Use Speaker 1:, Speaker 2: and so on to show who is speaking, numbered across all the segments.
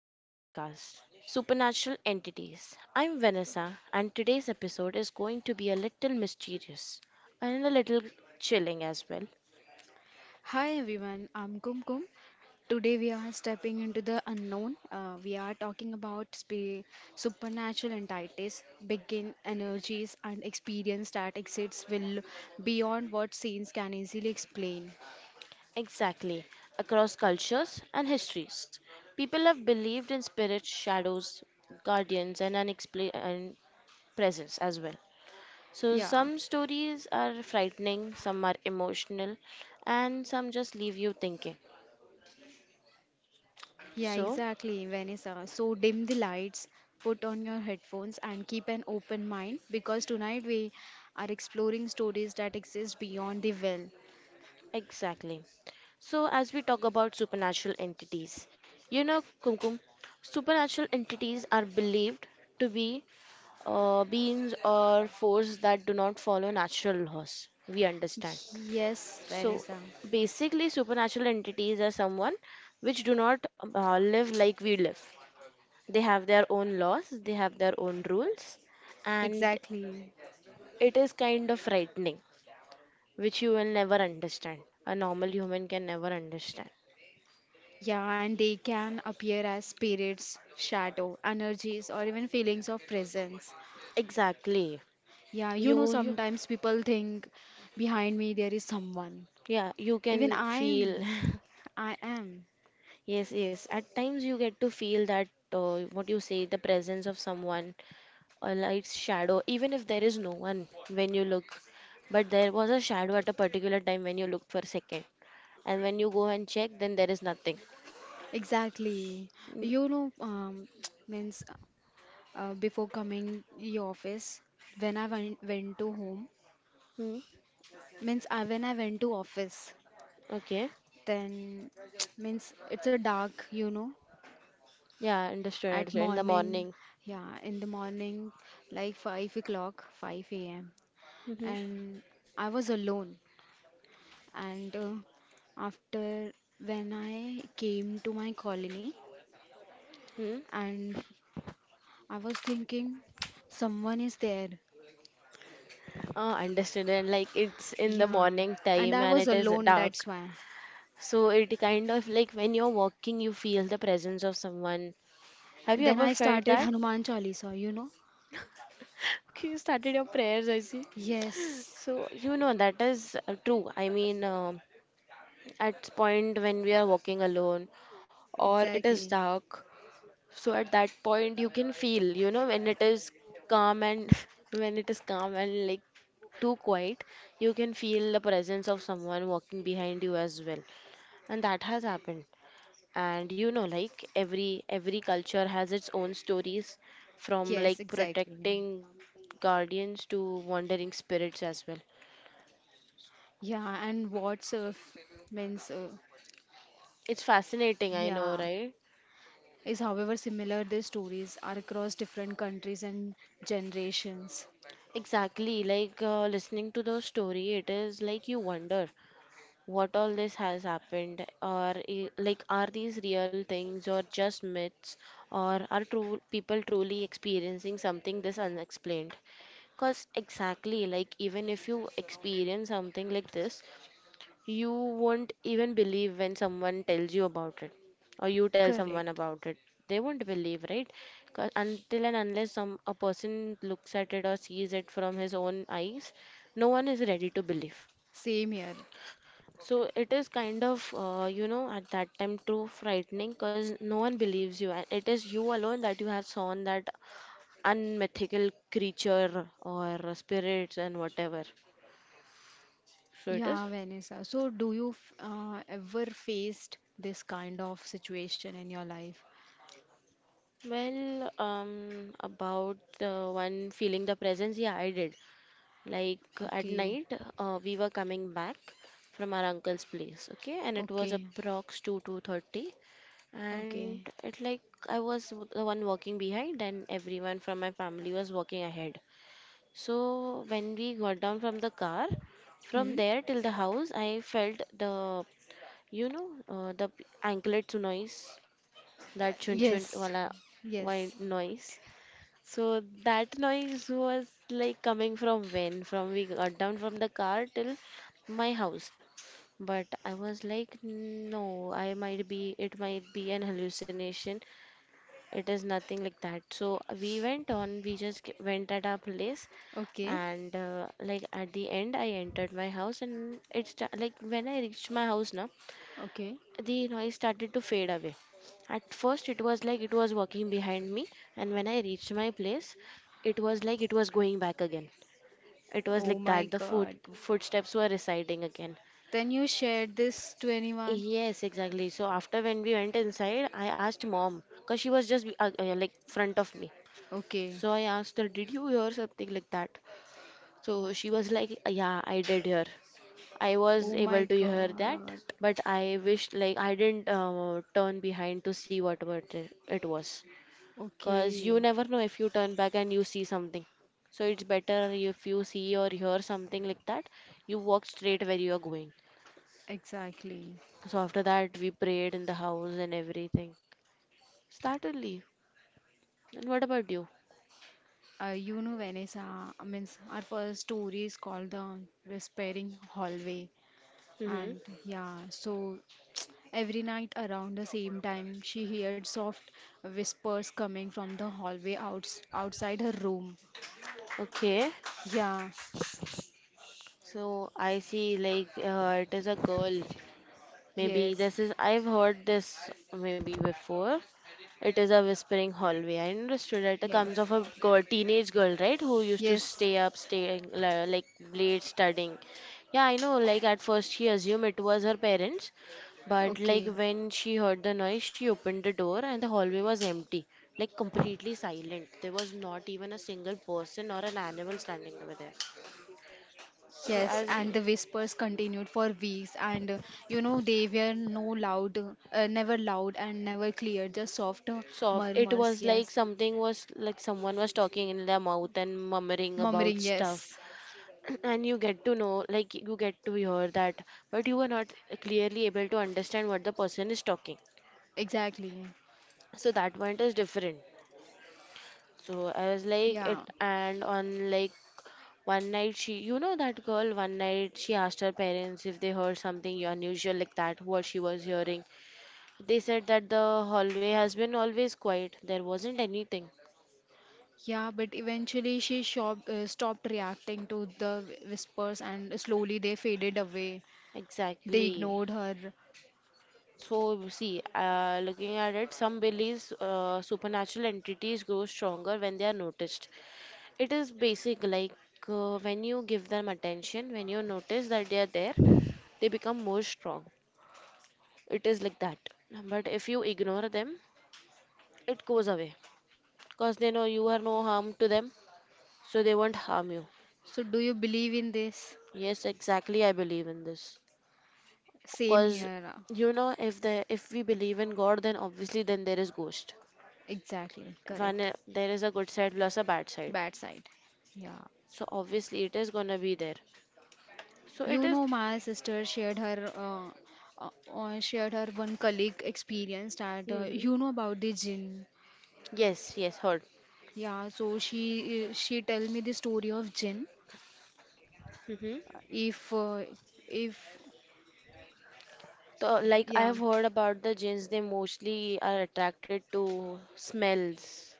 Speaker 1: to our podcast, Supernatural Entities. I'm Vanessa, and today's episode is going to be a little mysterious and a little chilling as well.
Speaker 2: Hi everyone, I'm Kum Kum. Today we are stepping into the unknown. We are talking about supernatural entities, begin energies, and experience that exists will beyond what scenes can easily explain.
Speaker 1: Exactly. Across cultures and histories, people have believed in spirits, shadows, guardians, and unexplained presence as well. So,
Speaker 2: Yeah,
Speaker 1: some stories are frightening, some are emotional, and some just leave you thinking.
Speaker 2: yeah,
Speaker 1: So,
Speaker 2: exactly, Vanessa. So dim the lights, put on your headphones, and keep an open mind because tonight we are exploring stories that exist beyond the veil.
Speaker 1: Exactly. So, as we talk about supernatural entities, Kumkum, supernatural entities are believed to be beings or forces that do not follow natural laws. We understand.
Speaker 2: Yes,
Speaker 1: So,
Speaker 2: Vanessa.
Speaker 1: basically, supernatural entities are someone which do not live like we live. They have their own laws, they have their own rules, and
Speaker 2: Exactly.
Speaker 1: it is kind of frightening, which you will never understand. A normal human can never understand.
Speaker 2: Yeah, and they can appear as spirits, shadow, energies, or even feelings of presence.
Speaker 1: Exactly.
Speaker 2: Yeah, you
Speaker 1: You,
Speaker 2: know,
Speaker 1: you,
Speaker 2: sometimes people think behind me there is someone.
Speaker 1: yeah, you
Speaker 2: Even
Speaker 1: can
Speaker 2: I
Speaker 1: feel.
Speaker 2: am. I am.
Speaker 1: Yes, yes. At times you get to feel that, what you say, the presence of someone, a light's shadow, even if there is no one when you look. But there was a shadow at a particular time when you looked for a second. And when you go and check, then there is nothing.
Speaker 2: Exactly. You know, means before coming the office, when I went to home,
Speaker 1: Mm-hmm.
Speaker 2: means I, when I went to office,
Speaker 1: Okay.
Speaker 2: then means it's a dark, you know,
Speaker 1: Yeah, understood,
Speaker 2: At
Speaker 1: understood. In the
Speaker 2: morning,
Speaker 1: morning.
Speaker 2: yeah, in the morning, like 5 o'clock, 5 a.m.
Speaker 1: Mm-hmm.
Speaker 2: And I was alone. And after when I came to my colony,
Speaker 1: Hmm.
Speaker 2: and I was thinking, someone is there.
Speaker 1: Oh, understood. And like, it's in the
Speaker 2: Yeah.
Speaker 1: morning
Speaker 2: And
Speaker 1: time
Speaker 2: I
Speaker 1: and
Speaker 2: was
Speaker 1: it is
Speaker 2: alone,
Speaker 1: dark.
Speaker 2: that's why.
Speaker 1: So it kind of like when you're walking, you feel the presence of someone. Have you
Speaker 2: Then
Speaker 1: ever
Speaker 2: I
Speaker 1: felt
Speaker 2: started
Speaker 1: that?
Speaker 2: Hanuman Chalisa, you know?
Speaker 1: Okay, you started your prayers, I see.
Speaker 2: Yes,
Speaker 1: So, that is true. I mean, at point when we are walking alone or it is
Speaker 2: exactly.
Speaker 1: dark, so at that point you can feel, when it is calm and when it is calm and like too quiet, you can feel the presence of someone walking behind you as well. And that has happened. And like, every culture has its own stories, from like
Speaker 2: Yes, exactly.
Speaker 1: protecting guardians to wandering spirits as well.
Speaker 2: Yeah, and means, uh,
Speaker 1: It's fascinating, I know,
Speaker 2: yeah.
Speaker 1: right?
Speaker 2: Is however similar their stories are across different countries and generations.
Speaker 1: Exactly, like, listening to the story, it is like you wonder what all this has happened, or like, are these real things or just myths, or are true people truly experiencing something this unexplained? Because exactly, like, even if you experience something like this, you won't even believe when someone tells you about it, or you tell someone
Speaker 2: Correct.
Speaker 1: about it. They won't believe, right? 'Cause until and unless some a person looks at it or sees it from his own eyes, no one is ready to believe.
Speaker 2: Same here.
Speaker 1: So it is kind of, at that time too frightening because no one believes you, and it is you alone that you have seen that unmythical creature or spirits and whatever. So it is.
Speaker 2: Yeah, Vanessa. So, do you ever faced this kind of situation in your life?
Speaker 1: Well, about the one feeling the presence, yeah, I did. Like, at
Speaker 2: Okay,
Speaker 1: night, we were coming back from our uncle's place, okay, and it was
Speaker 2: okay,
Speaker 1: approx two two thirty, and
Speaker 2: okay.
Speaker 1: it like, I was the one walking behind, and everyone from my family was walking ahead. So when we got down from the car, from
Speaker 2: Hmm?
Speaker 1: there till the house, I felt the, the anklet noise, that chun chun
Speaker 2: Yes,
Speaker 1: wala
Speaker 2: yes.
Speaker 1: white noise. So that noise was like coming from when? From we got down from the car till my house. But I was like, no, it might be an hallucination. It is nothing like that. So we went on, we just went at our place,
Speaker 2: Okay,
Speaker 1: and like, at the end, I entered my house, and it's like when I reached my house now,
Speaker 2: okay.
Speaker 1: the noise started to fade away. At first, it was like it was walking behind me, and when I reached my place, it was like it was going back again. It was
Speaker 2: Oh
Speaker 1: like
Speaker 2: my
Speaker 1: that the foot
Speaker 2: God.
Speaker 1: footsteps were reciting again.
Speaker 2: Then you shared this to anyone?
Speaker 1: Yes, exactly. So after when we went inside, I asked mom, cause she was just like front of me.
Speaker 2: Okay.
Speaker 1: So I asked her, "Did you hear something like that?" So she was like, "Yeah, I did hear." I was
Speaker 2: Oh my
Speaker 1: able to hear that,
Speaker 2: God.
Speaker 1: but I wished like I didn't turn behind to see what it was. Cause you
Speaker 2: Okay,
Speaker 1: never know if you turn back and you see something. So it's better if you see or hear something like that, you walk straight where you are going.
Speaker 2: exactly.
Speaker 1: So after that, we prayed in the house and everything. Startedly. And what about you?
Speaker 2: You know, Vanessa, I means our first story is called The Whispering Hallway.
Speaker 1: Hmm.
Speaker 2: And yeah, so every night around the same time, she heard soft whispers coming from the hallway outside her room.
Speaker 1: Okay.
Speaker 2: Yeah,
Speaker 1: So I see, like, it is a girl. Maybe
Speaker 2: yes,
Speaker 1: this is, I've heard this maybe before. It is a whispering hallway. I understood that it comes
Speaker 2: yes,
Speaker 1: of a girl, teenage girl, right? Who used to
Speaker 2: yes.
Speaker 1: stay up, staying like late studying. Yeah, I know. Like at first, she assumed it was her parents, but like
Speaker 2: Okay.
Speaker 1: when she heard the noise, she opened the door and the hallway was empty, like completely silent. There was not even a single person or an animal standing over there. So
Speaker 2: Yes, and the whispers continued for weeks, and you know they were no loud, never loud and never clear, just soft
Speaker 1: soft, it
Speaker 2: murmurs.
Speaker 1: was like
Speaker 2: Yes,
Speaker 1: something was like someone was talking in their mouth and murmuring about
Speaker 2: murmuring.
Speaker 1: stuff.
Speaker 2: Yes,
Speaker 1: And you get to know, like, you get to hear that, but you are not clearly able to understand what the person is talking,
Speaker 2: exactly.
Speaker 1: so that point is different. So I was like,
Speaker 2: Yeah.
Speaker 1: it. And on, like, one night she, that girl, one night she asked her parents if they heard something unusual like that, what she was hearing. They said that the hallway has been always quiet, there wasn't anything.
Speaker 2: Yeah, but eventually she stopped reacting to the whispers and slowly they faded away. They
Speaker 1: Exactly.
Speaker 2: ignored her.
Speaker 1: So, see, looking at it, some beliefs, supernatural entities grow stronger when they are noticed. It is basic, like, when you give them attention, when you notice that they are there, they become more strong. It is like that. But if you ignore them, it goes away because they know you are no harm to them, so they won't harm you.
Speaker 2: So, do you believe in this?
Speaker 1: Yes, exactly, I believe in this,
Speaker 2: Same
Speaker 1: because
Speaker 2: here.
Speaker 1: if we believe in God, then obviously then there is ghost.
Speaker 2: Exactly.
Speaker 1: One,
Speaker 2: Correct.
Speaker 1: there is a good side plus a bad side.
Speaker 2: Bad side. Yeah.
Speaker 1: So obviously it is gonna be there. So it
Speaker 2: You
Speaker 1: is.
Speaker 2: know, my sister shared her, shared her one colleague experience that
Speaker 1: Mm-hmm.
Speaker 2: you know about the jinn
Speaker 1: Yes, yes, heard.
Speaker 2: yeah so she tell me the story of jinn
Speaker 1: Mm-hmm.
Speaker 2: if uh, if
Speaker 1: So, like, I
Speaker 2: Yeah.
Speaker 1: have heard about the jinns, they mostly are attracted to smells,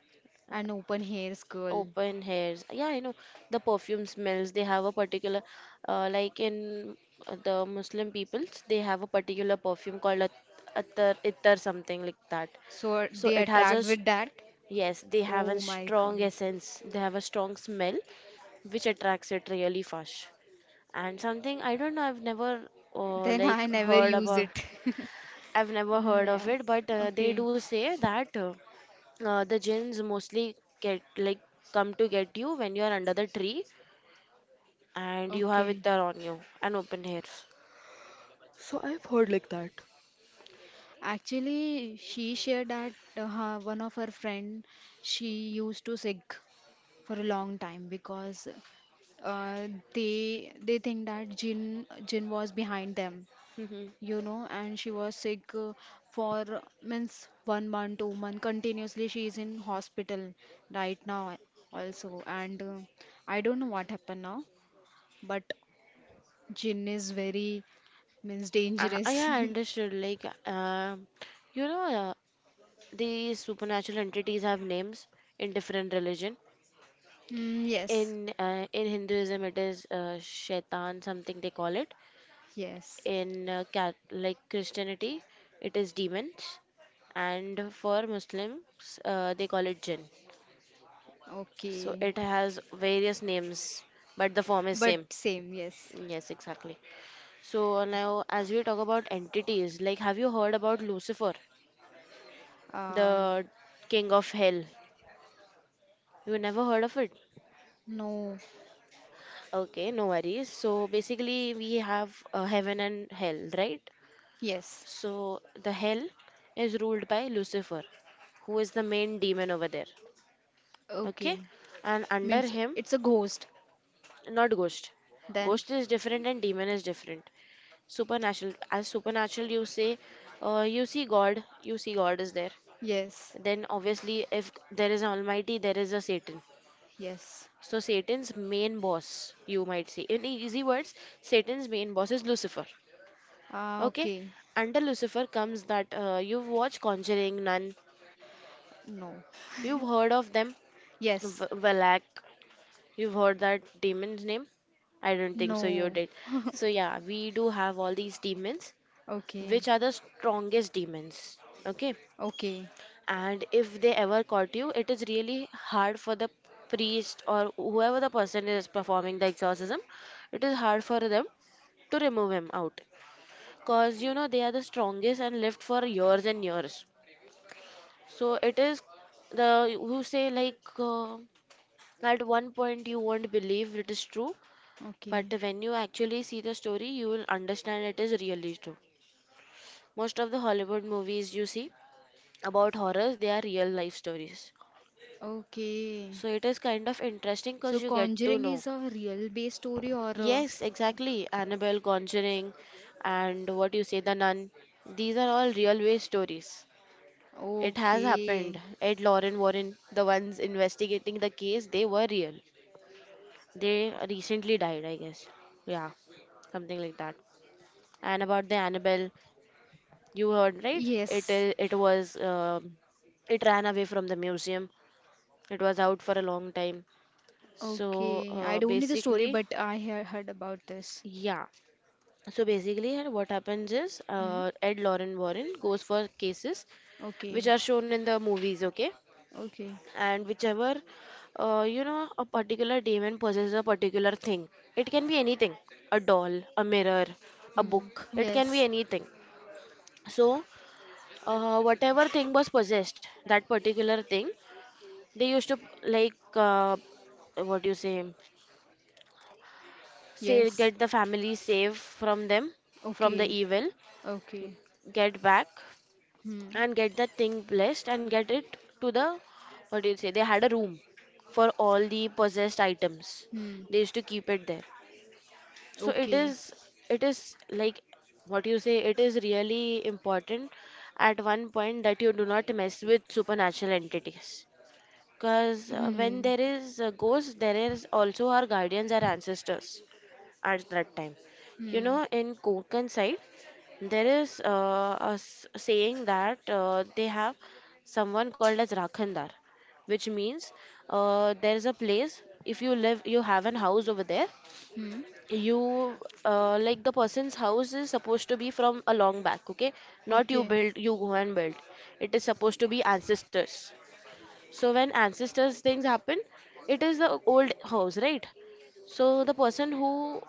Speaker 2: And open hairs girl.
Speaker 1: open hairs. Yeah, I know, the perfume smells. They have a particular, like in the Muslim peoples, they have a particular perfume called attar, ittar, something like that.
Speaker 2: So
Speaker 1: So
Speaker 2: they
Speaker 1: it has a
Speaker 2: attract
Speaker 1: s-
Speaker 2: with that.
Speaker 1: Yes, they have a
Speaker 2: Oh my god.
Speaker 1: strong essence. They have a strong smell which attracts it really fast. And something I don't know, I've never
Speaker 2: Then
Speaker 1: like
Speaker 2: I never
Speaker 1: heard
Speaker 2: use
Speaker 1: about.
Speaker 2: it.
Speaker 1: I've never heard
Speaker 2: Yeah.
Speaker 1: of it, but they
Speaker 2: Okay.
Speaker 1: do say that the jinns mostly get like come to get you when you are under the tree and you have
Speaker 2: Okay.
Speaker 1: ittar on you and open hairs. So I've heard like that.
Speaker 2: Actually, she shared that her, one of her friend she used to sick for a long time because uh, they think that Jin was behind them
Speaker 1: Mm-hmm.
Speaker 2: you know, and she was sick for means one month, two-month continuously. She is in hospital right now also, and I don't know what happened now, but gin is very means dangerous.
Speaker 1: Yeah, I understood. Like, you know, uh, these supernatural entities have names in different religion.
Speaker 2: Mm, yes,
Speaker 1: In Hinduism, it is Shaitan, something they call it.
Speaker 2: yes,
Speaker 1: In cat like Christianity, it is demons, and for Muslims, they call it jinn. So
Speaker 2: okay,
Speaker 1: it has various names, but the form is
Speaker 2: but
Speaker 1: same.
Speaker 2: same, yes.
Speaker 1: Yes, exactly. So now, as we talk about entities, like, have you heard about Lucifer,
Speaker 2: Um,
Speaker 1: the king of hell? You never heard of it?
Speaker 2: no,
Speaker 1: Okay, no worries. So basically, we have heaven and hell, right?
Speaker 2: yes,
Speaker 1: So the hell is ruled by Lucifer, who is the main demon over there. Okay,
Speaker 2: okay.
Speaker 1: and under
Speaker 2: Means
Speaker 1: him.
Speaker 2: it's a ghost
Speaker 1: Not ghost.
Speaker 2: then.
Speaker 1: Ghost is different and demon is different. Supernatural, as supernatural you say. You see, God is there,
Speaker 2: Yes,
Speaker 1: then obviously if there is an almighty, there is a Satan.
Speaker 2: yes.
Speaker 1: So Satan's main boss, you might say in easy words, Satan's main boss is Lucifer.
Speaker 2: Ah,
Speaker 1: Okay.
Speaker 2: okay,
Speaker 1: Under Lucifer comes that, you've watched Conjuring, Nun,
Speaker 2: no.
Speaker 1: you've heard of them?
Speaker 2: Yes,
Speaker 1: Valak, you've heard that demon's name? I don't think so. You
Speaker 2: no.
Speaker 1: did. So yeah, we do have all these demons,
Speaker 2: Okay.
Speaker 1: which are the strongest demons. Okay,
Speaker 2: Okay.
Speaker 1: and if they ever caught you, it is really hard for the priest or whoever the person is performing the exorcism. It is hard for them to remove him out, cause you know they are the strongest and lived for years and years. So it is the, who say, like, at one point you won't believe it is true. But
Speaker 2: Okay.
Speaker 1: when you actually see the story, you will understand it is really true. Most of the Hollywood movies you see about horrors, they are real life stories.
Speaker 2: Okay.
Speaker 1: So it is kind of interesting because
Speaker 2: So
Speaker 1: you get to
Speaker 2: Conjuring
Speaker 1: know.
Speaker 2: is a real based story or a...
Speaker 1: Yes, exactly. Annabelle, Conjuring, and what you say, The Nun. These are all real way stories. It has happened.
Speaker 2: Okay.
Speaker 1: Ed Lauren Warren, the ones investigating the case, they were real. They recently died, I guess. Yeah, something like that. And about the Annabelle. You heard, right? It
Speaker 2: Yes.
Speaker 1: is. It was, it ran away from the museum. It was out for a long time. So
Speaker 2: Okay. I don't know the story,
Speaker 1: basically,
Speaker 2: but I have heard about this.
Speaker 1: yeah. So basically, and what happens is
Speaker 2: Hmm.
Speaker 1: Ed Lauren Warren goes for cases which
Speaker 2: Okay.
Speaker 1: are shown in the movies, okay?
Speaker 2: Okay.
Speaker 1: And whichever, a particular demon possesses a particular thing. It can be anything, a doll, a mirror, a
Speaker 2: Hmm.
Speaker 1: book. It can be
Speaker 2: Yes.
Speaker 1: anything. So, whatever thing was possessed, that particular thing, they used to, like, what do you say? Say
Speaker 2: Yes.
Speaker 1: get the family safe from them, from the
Speaker 2: Okay.
Speaker 1: evil,
Speaker 2: Okay.
Speaker 1: get back
Speaker 2: Hmm.
Speaker 1: and get that thing blessed and get it to the, what do you say? They had a room for all the possessed items.
Speaker 2: Hmm.
Speaker 1: They used to keep it there. So it
Speaker 2: Okay.
Speaker 1: is it is like, what you say, it is really important at one point that you do not mess with supernatural entities. Because when
Speaker 2: Hmm.
Speaker 1: there is a ghost, there is also our guardians, our ancestors at that time. You
Speaker 2: Hmm.
Speaker 1: know, in Konkan side, there is a saying that they have someone called as Rakhandar, which means there is a place, if you live, you have an house over there,
Speaker 2: Hmm.
Speaker 1: you, like the person's house is supposed to be from a long back, okay? Not you
Speaker 2: Okay.
Speaker 1: build, you go and build. It is supposed to be ancestors. So when ancestors things happen, it is the old house, right? So the person who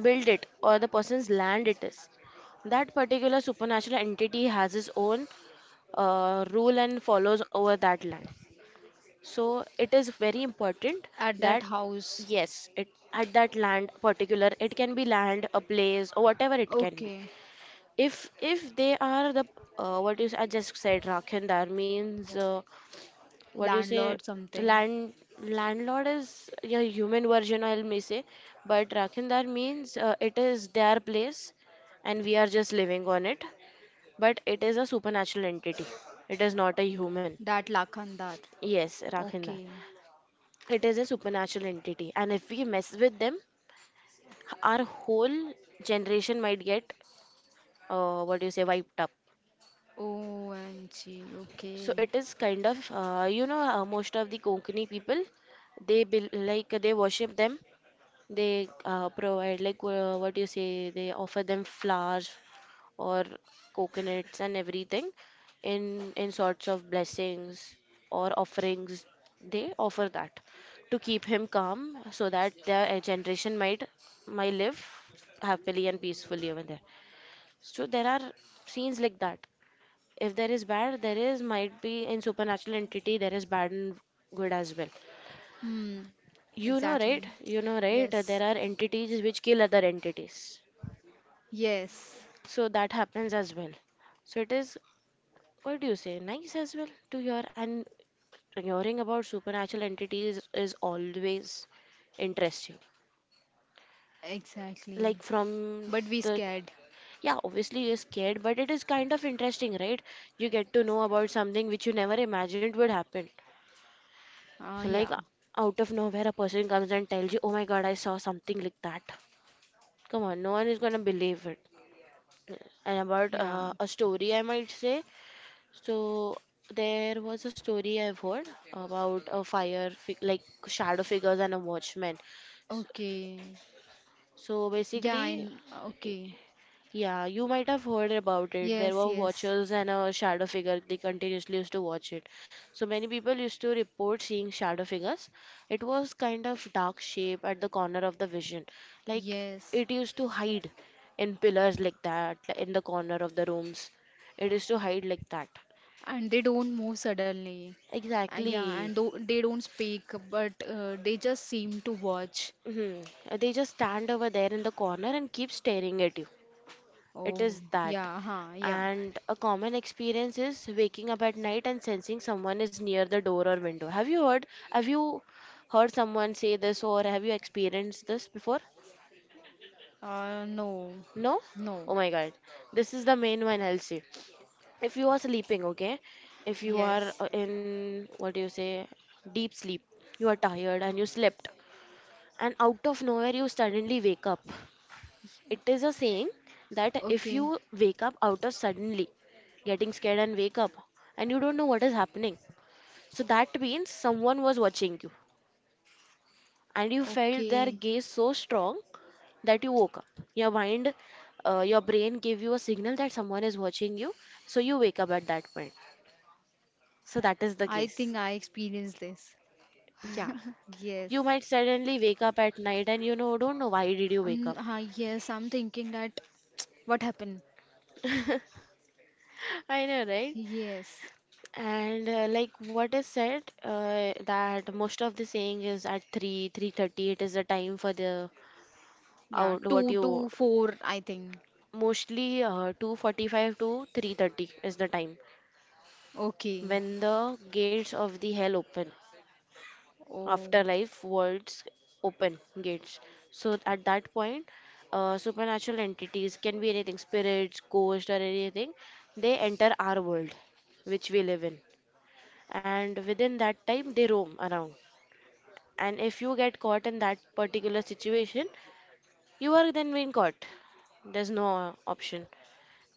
Speaker 1: built it or the person's land it is, that particular supernatural entity has its own, rule and follows over that land. So it is very important
Speaker 2: At
Speaker 1: that
Speaker 2: that house.
Speaker 1: yes, it at that land particular, it can be land, a place, or whatever it can be.
Speaker 2: Okay.
Speaker 1: If they are the, what you I just said, Rakhindar means, what do you say,
Speaker 2: Landlord something.
Speaker 1: land landlord is a human version, I'll may say, but Rakhindar means, it is their place, and we are just living on it, but it is a supernatural entity, it is not a human.
Speaker 2: That Lakhandar.
Speaker 1: Yes, Rakhindar.
Speaker 2: Okay.
Speaker 1: It is a supernatural entity, and if we mess with them, our whole generation might get, what do you say, wiped up.
Speaker 2: OMG.
Speaker 1: So
Speaker 2: Okay.
Speaker 1: it is kind of, most of the Konkani people, they bel like they worship them. They, provide, like, what you say, they offer them flowers or coconuts and everything, in sorts of blessings or offerings. They offer that to keep him calm so that their, generation might live happily and peacefully over there. So there are scenes like that. If there is bad, there is might be in supernatural entity, there is bad and good as well.
Speaker 2: Hmm.
Speaker 1: You know,
Speaker 2: Exactly.
Speaker 1: right? You know, right? There
Speaker 2: Yes.
Speaker 1: are entities which kill other entities.
Speaker 2: Yes.
Speaker 1: So that happens as well. So it is, what do you say, nice as well to hear. And hearing about supernatural entities is always interesting.
Speaker 2: Exactly.
Speaker 1: Like from
Speaker 2: But we
Speaker 1: the,
Speaker 2: scared.
Speaker 1: yeah, obviously you're scared, but it is kind of interesting, right? You get to know about something which you never imagined would happen. So, like,
Speaker 2: Yeah.
Speaker 1: out of nowhere, a person comes and tells you, oh my God, I saw something like that. Come on, no one is gonna believe it. And about,
Speaker 2: Yeah.
Speaker 1: a story, I might say. So there was a story I've heard about a fire, fi like shadow figures and a watchman.
Speaker 2: Okay.
Speaker 1: So
Speaker 2: Yeah.
Speaker 1: basically,
Speaker 2: Okay.
Speaker 1: yeah, you might have heard about it. There
Speaker 2: Yes.
Speaker 1: were
Speaker 2: Yes.
Speaker 1: watchers and a shadow figure. They continuously used to watch it. So many people used to report seeing shadow figures. It was kind of dark shape at the corner of the vision. Like
Speaker 2: Yes.
Speaker 1: it used to hide in pillars like that, like in the corner of the rooms. It used to hide like that.
Speaker 2: And they don't move suddenly. Yeah.
Speaker 1: Exactly.
Speaker 2: And do they don't speak, but they just seem to watch.
Speaker 1: Hmm. They just stand over there in the corner and keep staring at you. It
Speaker 2: Oh.
Speaker 1: is that.
Speaker 2: Yeah. Huh. Yeah.
Speaker 1: And a common experience is waking up at night and sensing someone is near the door or window. Have you heard? Have you heard someone say this or have you experienced this before?
Speaker 2: No,
Speaker 1: No?
Speaker 2: no.
Speaker 1: Oh my God. This is the main one, I'll say. If you are sleeping, okay? If you are,
Speaker 2: Yes.
Speaker 1: in, what do you say, deep sleep, you are tired and you slept, and out of nowhere you suddenly wake up. It is a saying that if
Speaker 2: Okay.
Speaker 1: you wake up out of suddenly getting scared and wake up and you don't know what is happening. So that means someone was watching you, and you felt their
Speaker 2: Okay.
Speaker 1: gaze so strong that you woke up. Your mind, your brain gave you a signal that someone is watching you, so you wake up at that point. So that is the
Speaker 2: I
Speaker 1: case.
Speaker 2: think I experienced this.
Speaker 1: Yeah,
Speaker 2: Yes.
Speaker 1: you might suddenly wake up at night, and don't know why did you wake up.
Speaker 2: Yes, I'm thinking that what happened?
Speaker 1: I know, right?
Speaker 2: Yes.
Speaker 1: And like what is said, that most of the saying is at 3, 3:30. It is the time for the
Speaker 2: Yeah,
Speaker 1: out what
Speaker 2: two
Speaker 1: you
Speaker 2: to four, I think.
Speaker 1: mostly, 2:45 to 3:30 is the time
Speaker 2: Okay.
Speaker 1: when the gates of the hell open,
Speaker 2: Oh,
Speaker 1: afterlife worlds open gates. So at that point, supernatural entities can be anything, spirits, ghosts, or anything. They enter our world, which we live in, and within that time they roam around. And if you get caught in that particular situation, you are then being caught. There's no option.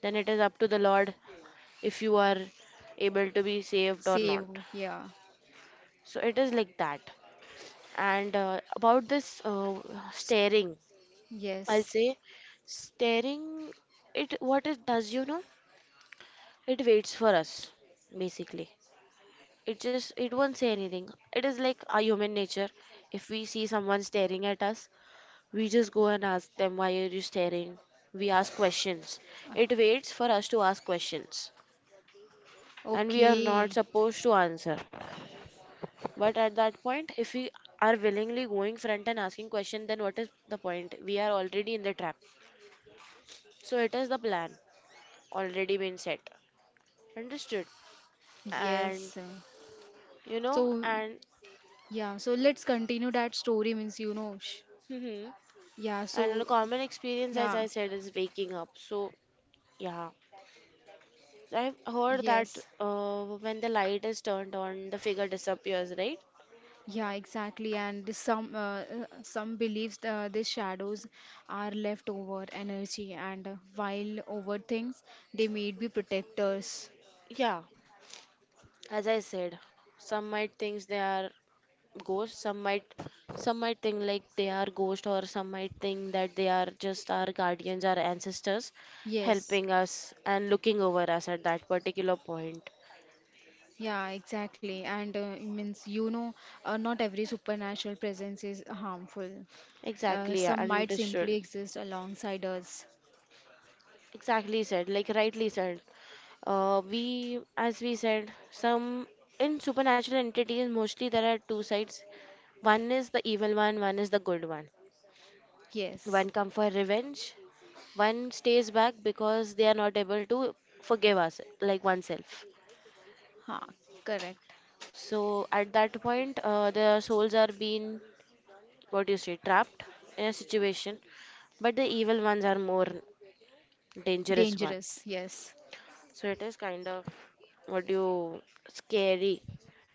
Speaker 1: Then it is up to the Lord if you are able to be saved or not.
Speaker 2: save. Yeah.
Speaker 1: So it is like that. And about this, staring, I'll
Speaker 2: Yes.
Speaker 1: say staring, it what it does, you know, it waits for us basically. It just, it won't say anything. It is like our human nature. If we see someone staring at us, we just go and ask them, why are you staring? We ask questions. It waits for us to ask questions. And we are not
Speaker 2: Okay.
Speaker 1: supposed to answer. But at that point, if we are willingly going front and asking question, then what is the point? We are already in the trap. So it is the plan already been set. Understood? And
Speaker 2: Yes.
Speaker 1: you know,
Speaker 2: So,
Speaker 1: and
Speaker 2: yeah, so let's continue that story means you know.
Speaker 1: hmm
Speaker 2: Yeah,
Speaker 1: a
Speaker 2: so,
Speaker 1: common experience, as I
Speaker 2: yeah.
Speaker 1: said, is waking up. So yeah, I've heard that
Speaker 2: Yes.
Speaker 1: when the light is turned on, the figure disappears, right?
Speaker 2: Yeah, exactly. And this some believes these shadows are leftover energy, and while over things, they may be protectors.
Speaker 1: Yeah, as I said, some might think they are ghosts, some might think like they are ghosts, or some might think that they are just our guardians, our ancestors
Speaker 2: Yes,
Speaker 1: helping us and looking over us at that particular point.
Speaker 2: yeah, exactly. And it means you know, not every supernatural presence is harmful. Uh,
Speaker 1: Exactly, yeah,
Speaker 2: some might
Speaker 1: understood.
Speaker 2: simply exist alongside us.
Speaker 1: Exactly said, like rightly said. We, as we said, some in supernatural entities, mostly there are two sides. One is the evil one, one is the good one. One
Speaker 2: Yes,
Speaker 1: come for revenge. One stays back because they are not able to forgive us, like oneself.
Speaker 2: ha, correct.
Speaker 1: So at that point, their souls are being, what do you say, trapped in a situation, but the evil ones are more dangerous ones.
Speaker 2: Dangerous. Yes,
Speaker 1: So it is kind of, what do you, scary,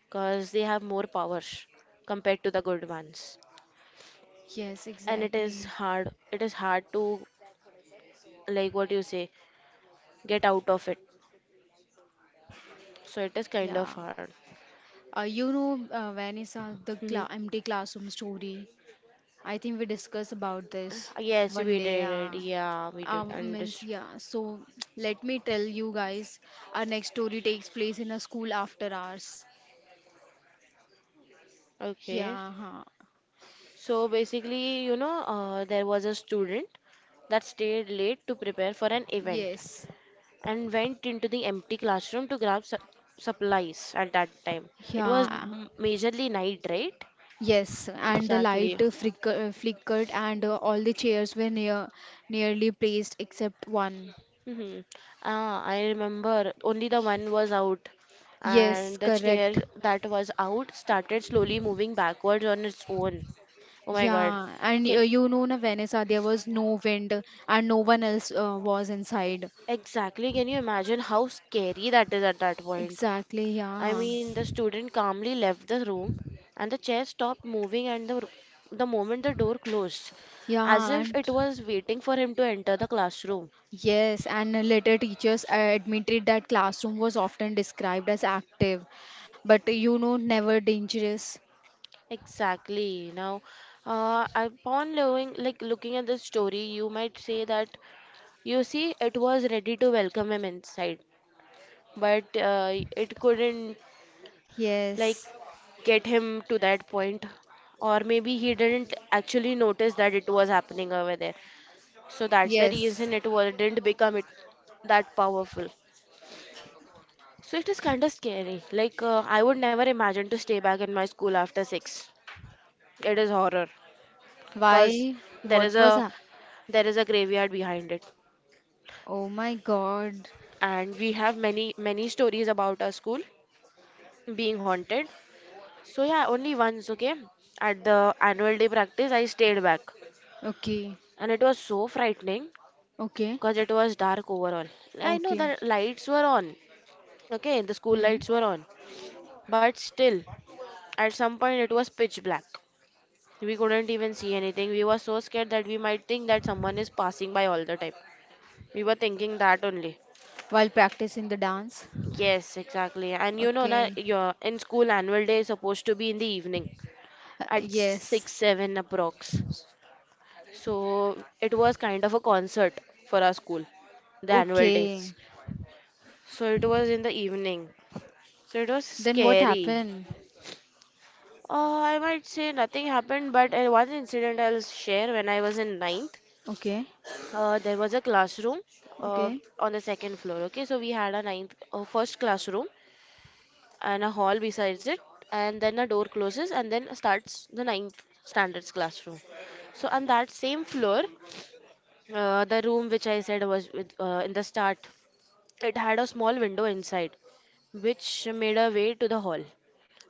Speaker 1: because they have more powers compared to the good ones.
Speaker 2: yes,
Speaker 1: And
Speaker 2: exactly.
Speaker 1: it is hard to, like what do you say, get out of it. So it is kind of
Speaker 2: Yeah.
Speaker 1: hard.
Speaker 2: You know, Vanessa, the cla empty classroom story. I think we discuss about this
Speaker 1: Yes,
Speaker 2: one
Speaker 1: we
Speaker 2: day.
Speaker 1: did. Yeah, we did.
Speaker 2: Means
Speaker 1: Understood.
Speaker 2: Yeah. So let me tell you guys. Our next story takes place in a school after hours.
Speaker 1: Okay.
Speaker 2: Yeah. Huh.
Speaker 1: So basically, there was a student that stayed late to prepare for an event
Speaker 2: Yes.
Speaker 1: and went into the empty classroom to grab su supplies at that time. It was
Speaker 2: Yeah.
Speaker 1: majorly night, right?
Speaker 2: Yes. And the
Speaker 1: Exactly.
Speaker 2: light flickered, and all the chairs were nearly placed except one.
Speaker 1: Mm-hmm. Ah, I remember only the one was out,
Speaker 2: Yes.
Speaker 1: and the chair
Speaker 2: Correct.
Speaker 1: that was out started slowly moving backwards on its own. Oh my God.
Speaker 2: Yeah, and
Speaker 1: Can
Speaker 2: you know, na Vanessa, there was no wind and no one else was inside.
Speaker 1: Exactly. Can you imagine how scary that is at that point?
Speaker 2: Exactly,
Speaker 1: I
Speaker 2: yeah.
Speaker 1: mean, the student calmly left the room, and the chair stopped moving, and the moment the door closed, as
Speaker 2: Yeah,
Speaker 1: if
Speaker 2: and
Speaker 1: it was waiting for him to enter the classroom.
Speaker 2: yes, and later teachers admitted that classroom was often described as active, but you know, never dangerous.
Speaker 1: Exactly. Now, upon looking, like looking at this story, you might say that you see it was ready to welcome him inside, but it couldn't like
Speaker 2: Yes,
Speaker 1: get him to that point, or maybe he didn't actually notice that it was happening over there, so that's the
Speaker 2: yes.
Speaker 1: reason it was, didn't become it that powerful. So it is kind of scary. Like, I would never imagine to stay back in my school after 6. It is horror because
Speaker 2: Why?
Speaker 1: there
Speaker 2: What
Speaker 1: is a
Speaker 2: was up?
Speaker 1: there is a graveyard behind it,
Speaker 2: Oh my God.
Speaker 1: and we have many many stories about our school being haunted. So yeah, only once, okay, at the annual day practice I stayed back,
Speaker 2: Okay,
Speaker 1: and it was so frightening
Speaker 2: okay,
Speaker 1: because it was dark overall. I know
Speaker 2: okay.
Speaker 1: that lights were on, okay, the school
Speaker 2: Hmm.
Speaker 1: lights were on, but still, at some point, it was pitch black. We couldn't even see anything. We were so scared that we might think that someone is passing by all the time. We were thinking that only.
Speaker 2: While practicing the dance.
Speaker 1: Yes, exactly. And you know, na,
Speaker 2: Okay.
Speaker 1: your in school annual day is supposed to be in the evening at
Speaker 2: Yes.
Speaker 1: 6 7 approx. So it was kind of a concert for our school, the annual days.
Speaker 2: Okay.
Speaker 1: So it was in the evening. So it was
Speaker 2: Then what
Speaker 1: scary.
Speaker 2: happened?
Speaker 1: I might say nothing happened, but one incident I'll share when I was in ninth.
Speaker 2: Okay,
Speaker 1: There was a classroom uh,
Speaker 2: okay,
Speaker 1: on the second floor. Okay, so we had a ninth first classroom and a hall besides it, and then a door closes and then starts the ninth standards classroom. So on that same floor, the room which I said was with, in the start, it had a small window inside, which made a way to the hall.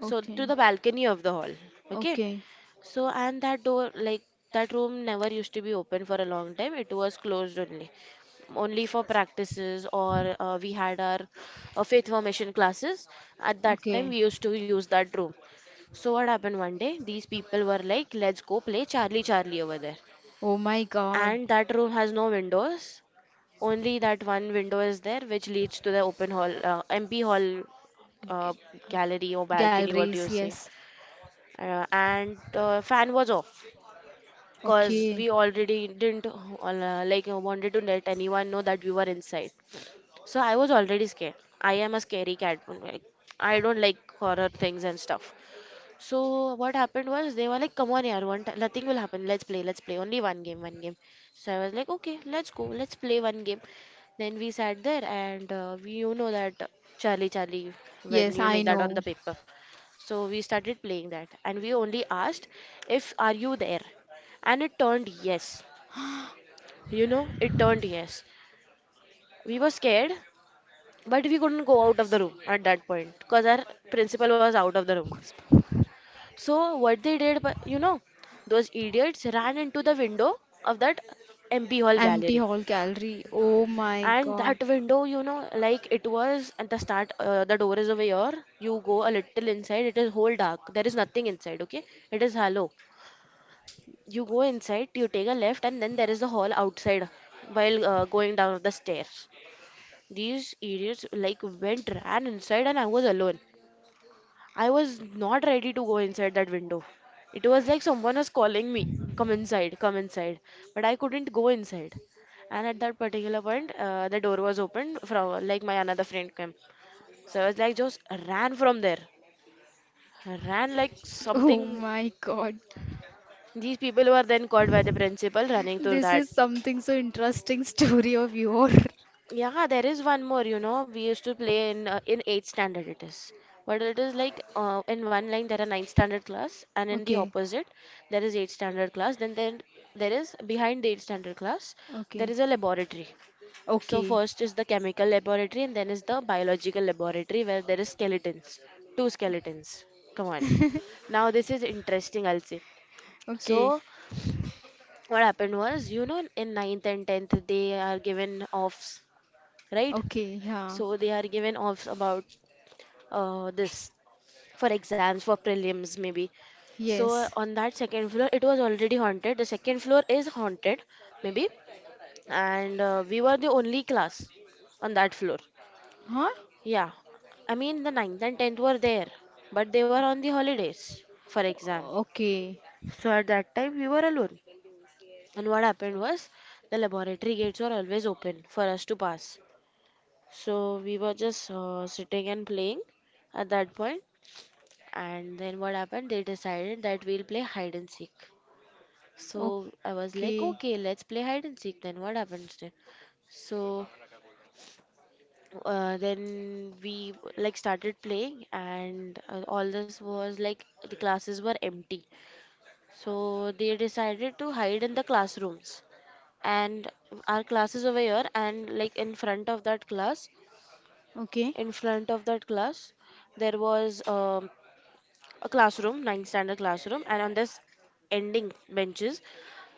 Speaker 1: So to the balcony of the hall. Okay,
Speaker 2: okay,
Speaker 1: so, and that door, like that room never used to be open for a long time. It was only for practices or we had our faith formation classes. At that time,
Speaker 2: okay.
Speaker 1: we used to use that room. So, what happened one day? These people were like, let's go play Charlie Charlie over there.
Speaker 2: Oh my God.
Speaker 1: And that room has no windows. Only that one window is there, which leads to the open hall, MP hall uh,
Speaker 2: G-
Speaker 1: gallery or balcony, what do
Speaker 2: Galleries,
Speaker 1: you say?
Speaker 2: yes.
Speaker 1: And fan was off, cause we
Speaker 2: Okay.
Speaker 1: already didn't like wanted to let anyone know that we were inside. So I was already scared. I am a scary cat, like, I don't like horror things and stuff. So what happened was they were like, "Come on, yaar, one time, nothing will happen. Let's play, let's play. Only one game, one game." So I was like, "Okay, let's go, let's play one game." Then we sat there, and you know that Charlie, Charlie, when
Speaker 2: Yes,
Speaker 1: you
Speaker 2: I
Speaker 1: make that on
Speaker 2: know.
Speaker 1: the paper. So we started playing that, and we only asked if are you there, and it turned yes. You know, it turned yes. We were scared, but we couldn't go out of the room at that point because our principal was out of the room. So what they did, but you know, those idiots ran into the window of that MP Hall
Speaker 2: Empty
Speaker 1: gallery.
Speaker 2: hall gallery. Oh my
Speaker 1: And
Speaker 2: God.
Speaker 1: that window, you know, like it was at the start, the door is over here. You go a little inside, it is whole dark. There is nothing inside, okay? It is hollow. You go inside, you take a left, and then there is the hall outside while going down the stairs. These idiots like went, ran inside, and I was alone. I was not ready to go inside that window. It was like someone was calling me, come inside, come inside. But I couldn't go inside. And at that particular point, the door was opened from like my another friend came. So I was like just ran from there. Ran like
Speaker 2: Oh
Speaker 1: something.
Speaker 2: my God.
Speaker 1: These people were then caught by the principal running through
Speaker 2: This
Speaker 1: that.
Speaker 2: is something so interesting story of your.
Speaker 1: Yeah, there is one more, you know, we used to play in eighth standard it is. But it is like in one line there are ninth standard class and in the
Speaker 2: Okay.
Speaker 1: opposite there is eighth standard class. Then there is behind the eighth standard class there
Speaker 2: Okay.
Speaker 1: is a laboratory. So
Speaker 2: Okay.
Speaker 1: first is the chemical laboratory and then is the biological laboratory where there is skeletons, two skeletons. Come on. Now this is interesting, I'll say.
Speaker 2: Okay.
Speaker 1: So what happened was, you know, in ninth and tenth they are given offs, right?
Speaker 2: Okay. Yeah.
Speaker 1: So they are given off about this for exams, for prelims maybe. So
Speaker 2: Yes.
Speaker 1: on that second floor, it was already haunted. The second floor is haunted maybe, and we were the only class on that floor.
Speaker 2: Huh?
Speaker 1: Yeah, I mean the ninth and tenth were there, but they were on the holidays for exam.
Speaker 2: Okay.
Speaker 1: So at that time we were alone. And what happened was the laboratory gates were always open for us to pass. So we were just sitting and playing at that point. And then what happened? They decided that we'll play hide and seek. So I was like,
Speaker 2: Okay.
Speaker 1: okay, let's play hide and seek. Then what happens then? So then we like started playing, and all this was like the classes were empty. So they decided to hide in the classrooms, and our classes over here, and like
Speaker 2: Okay.
Speaker 1: in front of that class, there was a classroom, ninth standard classroom, and on this ending benches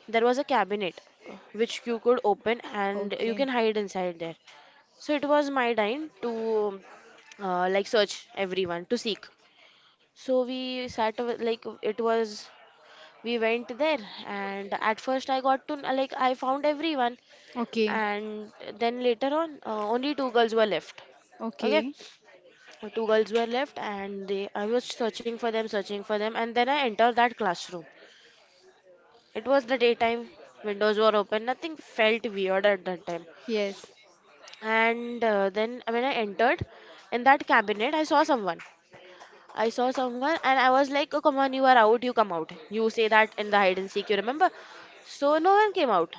Speaker 1: there was a cabinet which you could open and you
Speaker 2: Okay.
Speaker 1: can hide inside there. So it was my time to like search everyone to seek. So like it was we went there and at first I got to like I found everyone
Speaker 2: Okay.
Speaker 1: and then later on only two girls were left. Okay,
Speaker 2: Okay.
Speaker 1: two girls were left and they I was searching for them and then I entered that classroom. It was the daytime, windows were open, nothing felt weird at that time,
Speaker 2: Yes.
Speaker 1: and then when I entered in that cabinet I saw someone and I was like, oh come on, you are out, you come out, you say that in the hide and seek, you remember? So no one came out,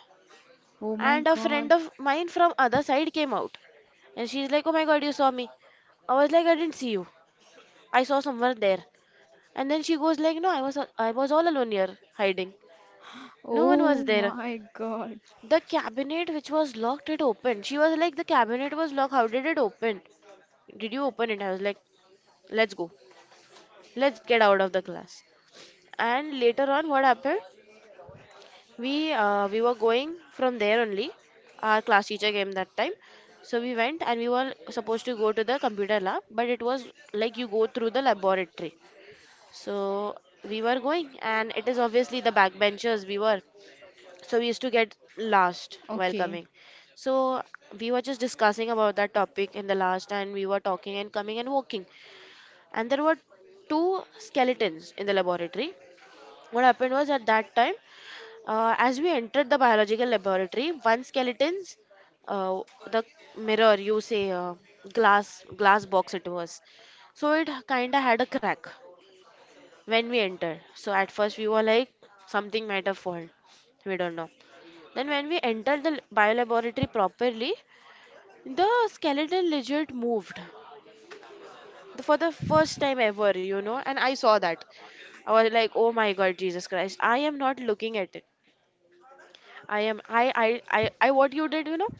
Speaker 2: Oh my
Speaker 1: and a friend
Speaker 2: God.
Speaker 1: of mine from other side came out, and she's like, oh my god, you saw me. I was like, I didn't see you, I saw someone there. And then she goes like, no, I was all alone here hiding. No one was
Speaker 2: Oh
Speaker 1: there.
Speaker 2: my God.
Speaker 1: The cabinet which was locked, it opened. She was like, the cabinet was locked. How did it open? Did you open it? I was like, let's go. Let's get out of the class. And later on, what happened? We were going from there only. Our class teacher came that time. So we went and we were supposed to go to the computer lab, but it was like you go through the laboratory. So we were going, and it is obviously the backbenchers we were. So we used to get lost while
Speaker 2: Okay.
Speaker 1: coming. So we were just discussing about that topic in the last and we were talking and coming and walking, and there were two skeletons in the laboratory. What happened was at that time, as we entered the biological laboratory, one skeleton's uh, the mirror you say, glass box it was, so it kind of had a crack when we entered. So at first we were like something might have fallen, we don't know. Then, when we entered the biolaboratory properly, the skeleton legit moved. For the first time ever, you know. And I saw that. I was like, "Oh my God, Jesus Christ! I am not looking at it. I am. I. I. I. I. What you did, you know?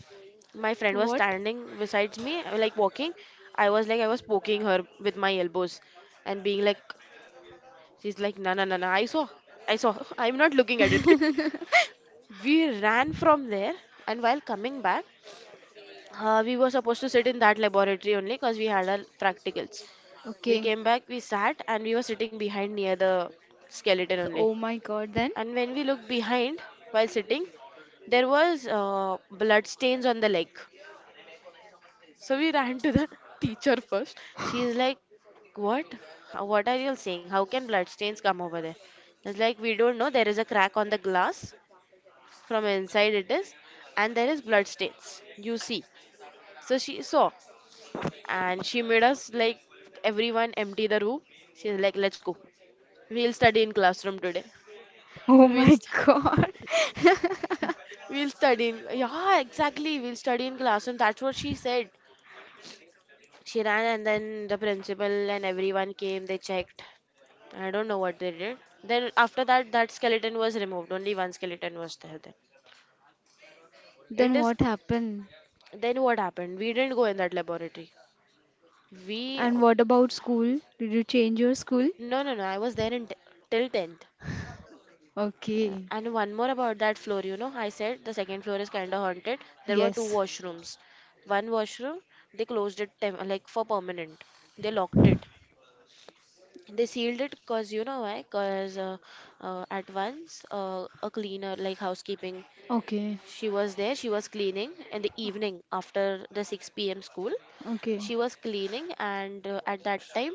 Speaker 1: My friend was
Speaker 2: What?
Speaker 1: standing besides me, like walking. I was like, I was poking her with my elbows, and being like, she's like, no, no, no, no. I saw. I saw. I'm not looking at it. We ran from there, and while coming back, we were supposed to sit in that laboratory only because we had our practicals. We
Speaker 2: Okay.
Speaker 1: came back, we sat, and we were sitting behind near the skeleton only.
Speaker 2: Oh my god, then?
Speaker 1: And when we looked behind while sitting, there was blood stains on the leg. So we ran to the teacher first. She is like, "What? How- What are you all saying? How can blood stains come over there?" It's like we don't know. There is a crack on the glass from inside it is, and there is blood stains. You see. So she saw, and she made us like everyone empty the room. She's like, let's go, we'll study in classroom today.
Speaker 2: Oh
Speaker 1: we'll
Speaker 2: my
Speaker 1: st-
Speaker 2: God.
Speaker 1: we'll study in, yeah exactly, we'll study in classroom, that's what she said. She ran and then the principal and everyone came, they checked, I don't know what they did. Then after that, that skeleton was removed, only one skeleton was there then.
Speaker 2: Then
Speaker 1: It is,
Speaker 2: what happened?
Speaker 1: then what happened, we didn't go in that laboratory. We,
Speaker 2: And what about school? Did you change your school?
Speaker 1: no no no, I was there in till 10th. Yeah,
Speaker 2: Okay.
Speaker 1: and one more about that floor, you know, I said the second floor is kind of haunted. There were two
Speaker 2: Yes.
Speaker 1: washrooms. One washroom, they closed it tem like for permanent. They locked it. They sealed it because you know why? Because at once a cleaner, like housekeeping,
Speaker 2: Okay.
Speaker 1: she was there. She was cleaning in the evening after the 6 p.m. school.
Speaker 2: Okay.
Speaker 1: She was cleaning, and at that time,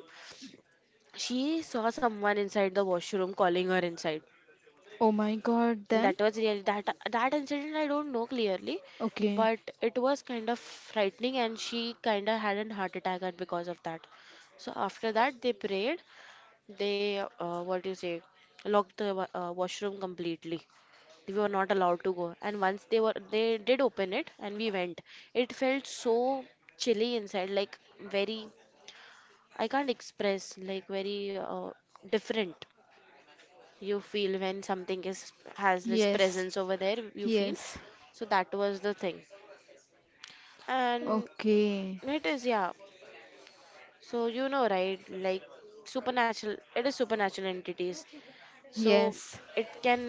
Speaker 1: she saw someone inside the washroom calling her inside.
Speaker 2: Oh my God.
Speaker 1: And
Speaker 2: Then.
Speaker 1: that was really that incident. I don't know clearly,
Speaker 2: Okay.
Speaker 1: but it was kind of frightening and she kind of had a heart attack and because of that. So after that they prayed, they what do you say, locked the washroom completely. We were not allowed to go. And once they did open it and we went. It felt so chilly inside, like very, I can't express, like very different, you feel when something is has this
Speaker 2: Yes.
Speaker 1: presence over there, you feel.
Speaker 2: Yes.
Speaker 1: So that was the thing. And
Speaker 2: Okay.
Speaker 1: it is, yeah, so you know, right, like supernatural, it is supernatural entities. So
Speaker 2: Yes.
Speaker 1: it can,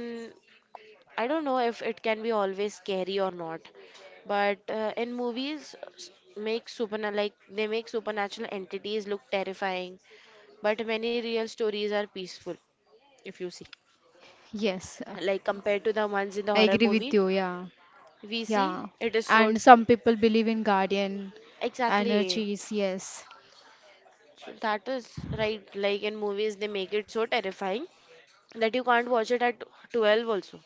Speaker 1: I don't know if it can be always scary or not, but in movies, make super like they make supernatural entities look terrifying, but many real stories are peaceful, if you see,
Speaker 2: Yes. uh,
Speaker 1: like compared to the ones in the
Speaker 2: I
Speaker 1: horror
Speaker 2: agree with
Speaker 1: movie.
Speaker 2: you. Yeah.
Speaker 1: We see
Speaker 2: Yeah,
Speaker 1: it is so,
Speaker 2: and some people believe in guardian
Speaker 1: exactly,
Speaker 2: energies, yes.
Speaker 1: so that is right. Like in movies, they make it so terrifying that you can't watch it at 12 also.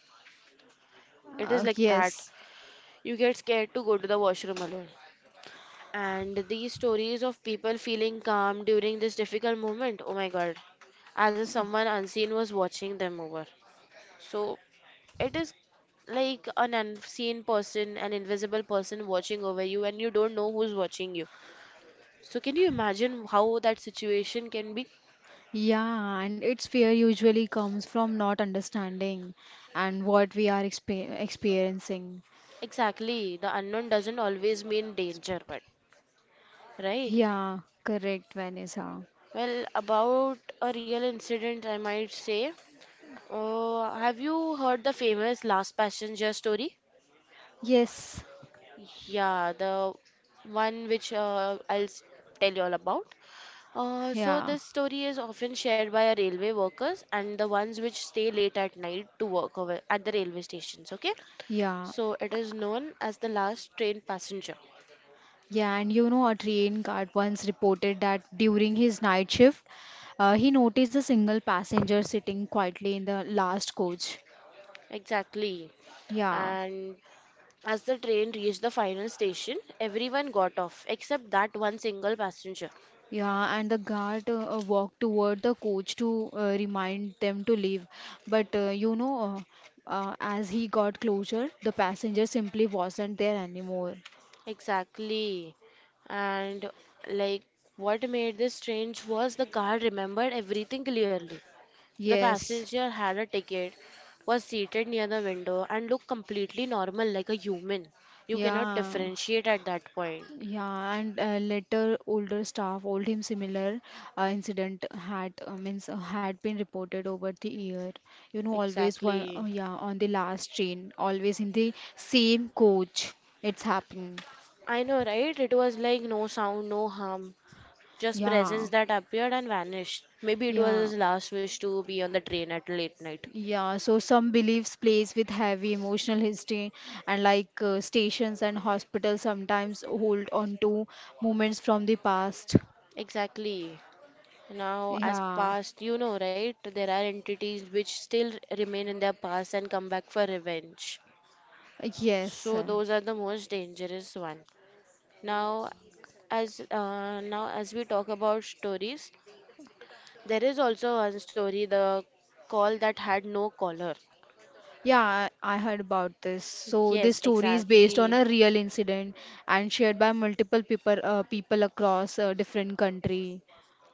Speaker 1: It is like that.
Speaker 2: Yes.
Speaker 1: You get scared to go to the washroom alone. And these stories of people feeling calm during this difficult moment, oh my God, as if someone unseen was watching them over. So it is like an unseen person, an invisible person watching over you, and you don't know who's watching you. So, can you imagine how that situation can be?
Speaker 2: Yeah, and its fear usually comes from not understanding and what we are experiencing.
Speaker 1: Exactly, the unknown doesn't always mean danger, but right?
Speaker 2: Yeah, correct, Vanessa.
Speaker 1: Well, about a real incident, I might say. Have you heard the famous Last Passenger story?
Speaker 2: Yes,
Speaker 1: Yeah, the one which tell you all about. So
Speaker 2: yeah,
Speaker 1: this story is often shared by our railway workers and the ones which stay late at night to work over at the railway stations. Okay,
Speaker 2: yeah,
Speaker 1: so it is known as the last train passenger.
Speaker 2: yeah. And you know, a train guard once reported that during his night shift, he noticed a single passenger sitting quietly in the last coach.
Speaker 1: Exactly.
Speaker 2: Yeah.
Speaker 1: And as the train reached the final station, everyone got off except that one single passenger.
Speaker 2: Yeah, and the guard walked toward the coach to remind them to leave. But as he got closer, the passenger simply wasn't there anymore.
Speaker 1: Exactly. And, like, what made this strange was the guard remembered everything clearly. The
Speaker 2: Yes,
Speaker 1: passenger had a ticket, was seated near the window, and looked completely normal like a human. You cannot
Speaker 2: yeah,
Speaker 1: differentiate at that point.
Speaker 2: yeah, and later older staff told him similar incident had means had been reported over the year. You know, always one,
Speaker 1: Exactly.
Speaker 2: yeah, on the last train, always in the same coach, it's happened.
Speaker 1: I know, right? It was like no sound, no harm. Just
Speaker 2: Yeah,
Speaker 1: presence that appeared and vanished. Maybe it was
Speaker 2: yeah.
Speaker 1: his last wish to be on the train at late night.
Speaker 2: Yeah, so some beliefs plays with heavy emotional history and like stations and hospitals sometimes hold on to moments from the past.
Speaker 1: Exactly. Now, as
Speaker 2: Yeah,
Speaker 1: past, you know, right? There are entities which still remain in their past and come back for revenge.
Speaker 2: yes.
Speaker 1: So those are the most dangerous one. Now, as we talk about stories, there is also one story, the call that had no caller.
Speaker 2: Yeah, I heard about this. So this
Speaker 1: Yes,
Speaker 2: story is based on
Speaker 1: exactly.
Speaker 2: a real incident and shared by multiple people people across different country.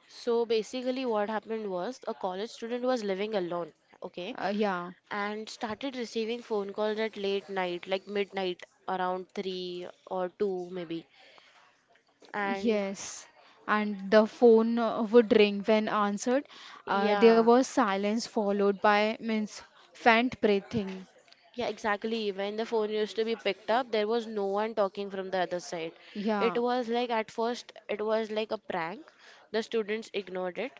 Speaker 1: So basically, what happened was a college student was living alone, okay,
Speaker 2: Yeah.
Speaker 1: and started receiving phone calls at late night, like midnight, around 3 or 2 maybe. And
Speaker 2: Yes, and the phone would ring when answered. There
Speaker 1: yeah,
Speaker 2: was silence followed by means faint breathing.
Speaker 1: yeah, exactly. When the phone used to be picked up, there was no one talking from the other side. It
Speaker 2: Yeah,
Speaker 1: was like at first, it was like a prank. The students ignored it,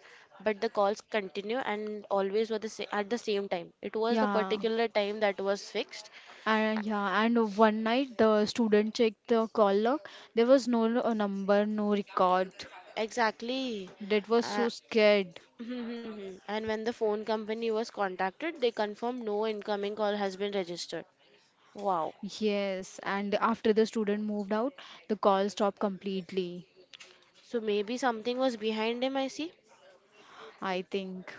Speaker 1: but the calls continue and always were the at the same time. It was the
Speaker 2: yeah,
Speaker 1: particular time that was fixed.
Speaker 2: yeah, and one night the student checked the call log. There was no number, no record.
Speaker 1: Exactly.
Speaker 2: That was
Speaker 1: Uh,
Speaker 2: so scared.
Speaker 1: and when the phone company was contacted, they confirmed no incoming call has been registered. Wow.
Speaker 2: Yes, and after the student moved out, the call stopped completely,
Speaker 1: So maybe something was behind him, I see.
Speaker 2: I think.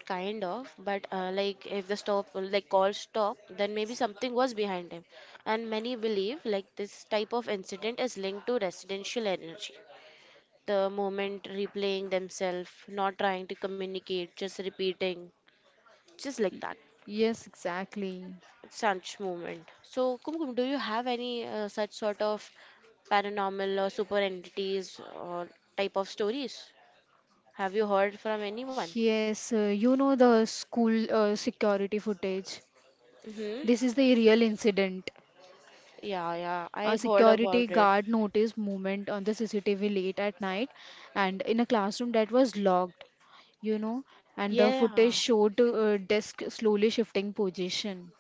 Speaker 1: Kind of, but like if the stop, like call stop, then maybe something was behind him. And many believe like this type of incident is linked to residential energy. The moment replaying themselves, not trying to communicate, just repeating, just like that.
Speaker 2: Yes, exactly.
Speaker 1: Such movement. So, Kumkum, do you have any such sort of paranormal or super entities or type of stories? Have you heard from anyone?
Speaker 2: Yes, you know the school security footage. This
Speaker 1: Mm-hmm.
Speaker 2: is the real incident.
Speaker 1: Yeah, yeah,
Speaker 2: A
Speaker 1: I've heard
Speaker 2: security
Speaker 1: about it.
Speaker 2: guard noticed movement on the CCTV late at night and in a classroom that was locked, you know, and the
Speaker 1: Yeah.
Speaker 2: footage showed desk slowly shifting position.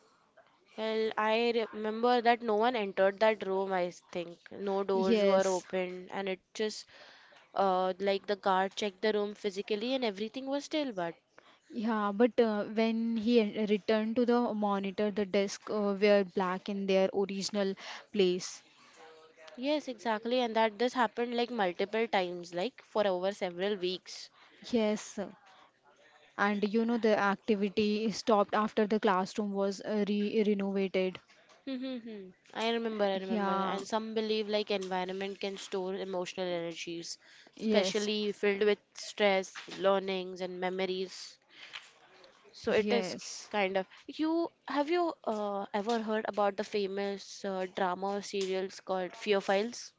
Speaker 1: Well, I remember that no one entered that room, I think. No doors were
Speaker 2: Yes.
Speaker 1: open, and it just, like the guard checked the room physically, and everything was still. But
Speaker 2: Yeah, but when he returned to the monitor, the desk were black in their original place.
Speaker 1: yes, exactly, and that this happened like multiple times, like for over several weeks.
Speaker 2: Yes. And you know the activity stopped after the classroom was re renovated.
Speaker 1: Mm-hmm. I remember, I remember.
Speaker 2: Yeah,
Speaker 1: And some believe like environment can store emotional energies,
Speaker 2: yes,
Speaker 1: especially filled with stress, learnings, and memories. So it is
Speaker 2: yes.
Speaker 1: kind of. You have you ever heard about the famous drama or serials called Fear Files?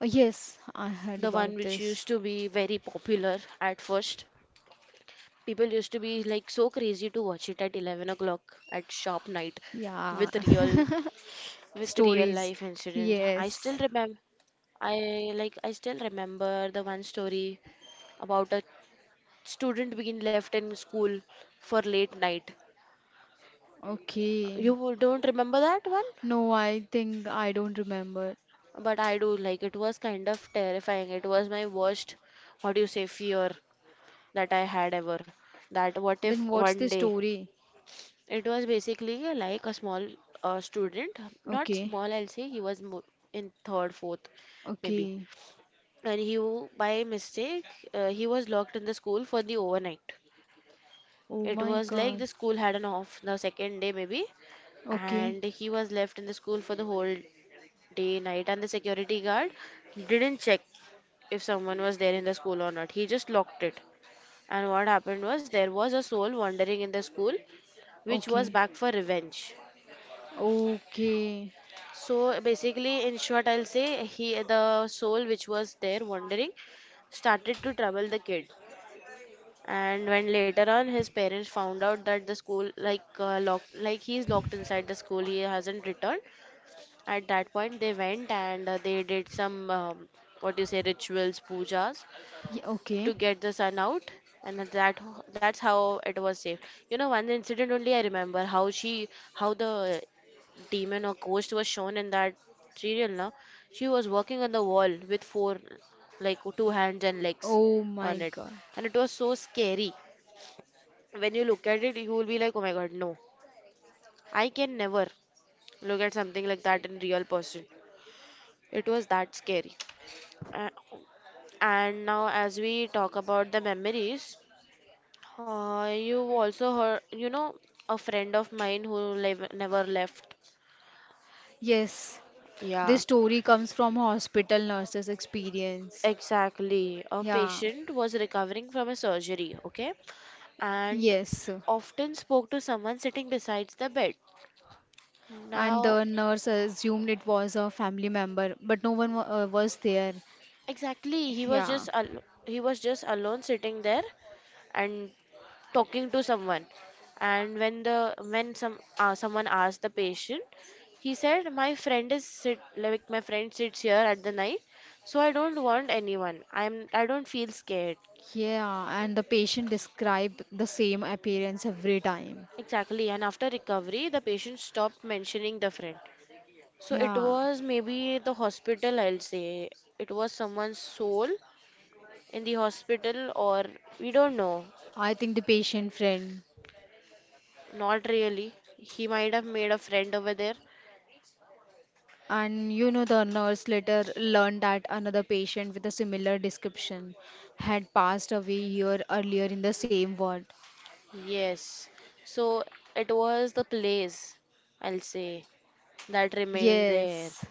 Speaker 2: Yes, I heard
Speaker 1: The one
Speaker 2: about
Speaker 1: which
Speaker 2: this.
Speaker 1: used to be very popular at first. People used to be like so crazy to watch it at 11 o'clock at sharp night
Speaker 2: Yeah,
Speaker 1: with real, with real
Speaker 2: stories.
Speaker 1: life incidents. I still
Speaker 2: Yes,
Speaker 1: remember, I still remember the one story about a student being left in school for late night.
Speaker 2: okay.
Speaker 1: You don't remember that one?
Speaker 2: No, I think I don't remember.
Speaker 1: But I do, like it was kind of terrifying. It was my worst, what do you say, fear that I had ever. That what if
Speaker 2: Then what's the
Speaker 1: one day,
Speaker 2: story?
Speaker 1: it was basically like a small student, not
Speaker 2: Okay,
Speaker 1: small, I'll say he was mo, in third, fourth, maybe.
Speaker 2: okay.
Speaker 1: And by mistake, he was locked in the school for the overnight.
Speaker 2: Oh
Speaker 1: It
Speaker 2: my
Speaker 1: was like
Speaker 2: God.
Speaker 1: the school had an off the second day maybe,
Speaker 2: Okay,
Speaker 1: and he was left in the school for the whole day night, and the security guard didn't check if someone was there in the school or not, he just locked it. And what happened was there was a soul wandering in the school which was
Speaker 2: okay,
Speaker 1: back for revenge.
Speaker 2: okay,
Speaker 1: So basically in short I'll say he, the soul which was there wandering, started to trouble the kid. And when later on his parents found out that the school like locked, like he's locked inside the school, he hasn't returned, at that point they went and they did some what you say, rituals, pujas,
Speaker 2: Okay.
Speaker 1: to get the son out. And at that, that's how it was saved. You know, one incident only I remember, how she, how the demon or ghost was shown in that serial. Now, she was working on the wall with four, like two hands and legs
Speaker 2: Oh my
Speaker 1: on it,
Speaker 2: God.
Speaker 1: and it was so scary. When you look at it, you will be like, oh my god, no, I can never look at something like that in real person. It was that scary. A- And now, as we talk about the memories, you also heard, you know, a friend of mine who never left.
Speaker 2: Yes,
Speaker 1: Yeah,
Speaker 2: this story comes from hospital nurses' experience.
Speaker 1: exactly. A
Speaker 2: Yeah,
Speaker 1: patient was recovering from a surgery, okay, and
Speaker 2: yes.
Speaker 1: often spoke to someone sitting besides the bed.
Speaker 2: And
Speaker 1: Now,
Speaker 2: the nurse assumed it was a family member, but no one wa was there.
Speaker 1: exactly, he was
Speaker 2: Yeah,
Speaker 1: just alone sitting there and talking to someone. And when the when some someone asked the patient, he said, "My friend is sit like my friend sits here at the night, so I don't want anyone. I don't feel scared."
Speaker 2: yeah. And the patient described the same appearance every time.
Speaker 1: Exactly, and after recovery, the patient stopped mentioning the friend. So it
Speaker 2: Yeah,
Speaker 1: was maybe the hospital, I'll say. It was someone's soul in the hospital, or we don't know.
Speaker 2: I think the patient friend.
Speaker 1: Not really. He might have made a friend over there.
Speaker 2: And you know, the nurse later learned that another patient with a similar description had passed away year earlier in the same ward.
Speaker 1: Yes. So it was the place, I'll say, that remained there.
Speaker 2: Yes.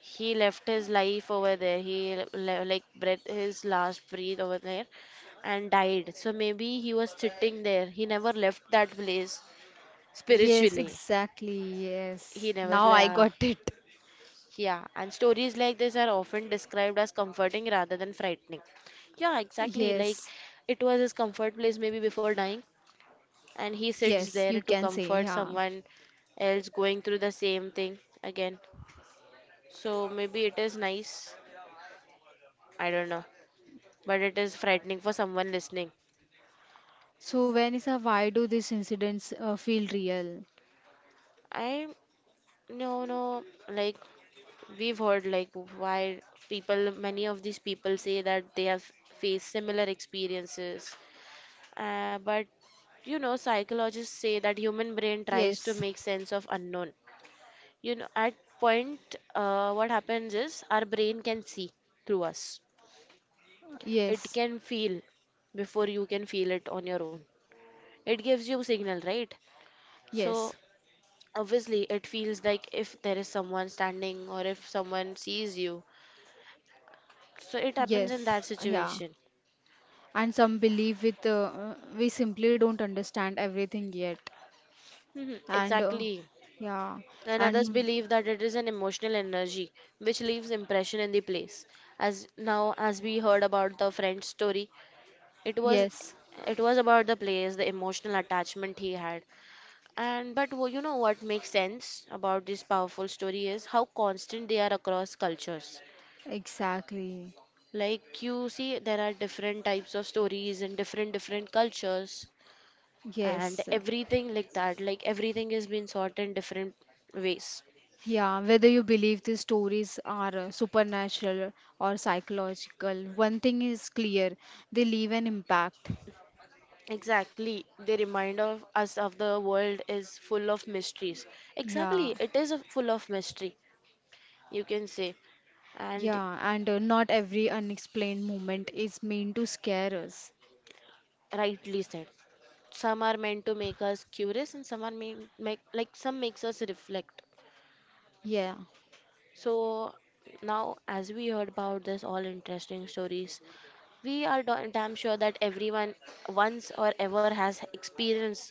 Speaker 1: He left his life over there. He like breath his last breath over there and died. So maybe he was sitting there. He never left that place
Speaker 2: Yes,
Speaker 1: spiritually.
Speaker 2: exactly. Yes.
Speaker 1: He never
Speaker 2: Now I got
Speaker 1: left.
Speaker 2: it.
Speaker 1: Yeah, and stories like this are often described as comforting rather than frightening. Yeah, exactly. Like
Speaker 2: Yes.
Speaker 1: it was his comfort place maybe before dying, and he sits
Speaker 2: Yes, you
Speaker 1: there to
Speaker 2: can say.
Speaker 1: comfort
Speaker 2: Yeah.
Speaker 1: someone else going through the same thing again. So maybe it is nice. I don't know, but it is frightening for someone listening.
Speaker 2: So, Vanessa, why do these incidents feel real?
Speaker 1: I, no no, like we've heard like why, people, many of these people say that they have faced similar experiences. But you know, psychologists say that human brain tries to
Speaker 2: Yes.
Speaker 1: make sense of unknown. You know, at point, what happens is our brain can see through us. It
Speaker 2: Yes.
Speaker 1: can feel before you can feel it on your own. It gives you signal, right?
Speaker 2: Yes.
Speaker 1: So obviously, it feels like if there is someone standing or if someone sees you. So it happens in
Speaker 2: Yes.
Speaker 1: that
Speaker 2: Yeah.
Speaker 1: situation.
Speaker 2: And some believe with we simply don't understand everything yet.
Speaker 1: Hmm,
Speaker 2: And
Speaker 1: exactly.
Speaker 2: yeah.
Speaker 1: And others
Speaker 2: And
Speaker 1: believe that it is an emotional energy which leaves impression in the place. As now as we heard about the friend's story, it was,
Speaker 2: yes.
Speaker 1: it was about the place, the emotional attachment he had. And you know what makes sense about this powerful story is how constant they are across cultures.
Speaker 2: Exactly.
Speaker 1: Like you see, there are different types of stories in different different cultures, and
Speaker 2: Yes.
Speaker 1: everything like that, like everything is being sought in different ways.
Speaker 2: Yeah, whether you believe these stories are supernatural or psychological, one thing is clear, they leave an impact.
Speaker 1: Exactly. They remind of us of the world is full of mysteries.
Speaker 2: Yeah,
Speaker 1: Exactly. It is a full of mystery, you can say. And
Speaker 2: yeah, and Not every unexplained moment is meant to scare us.
Speaker 1: rightly said. Some are meant to make us curious and some are mean make like some makes us reflect.
Speaker 2: Yeah,
Speaker 1: So now as we heard about this all interesting stories, we are damn sure that everyone once or ever has experienced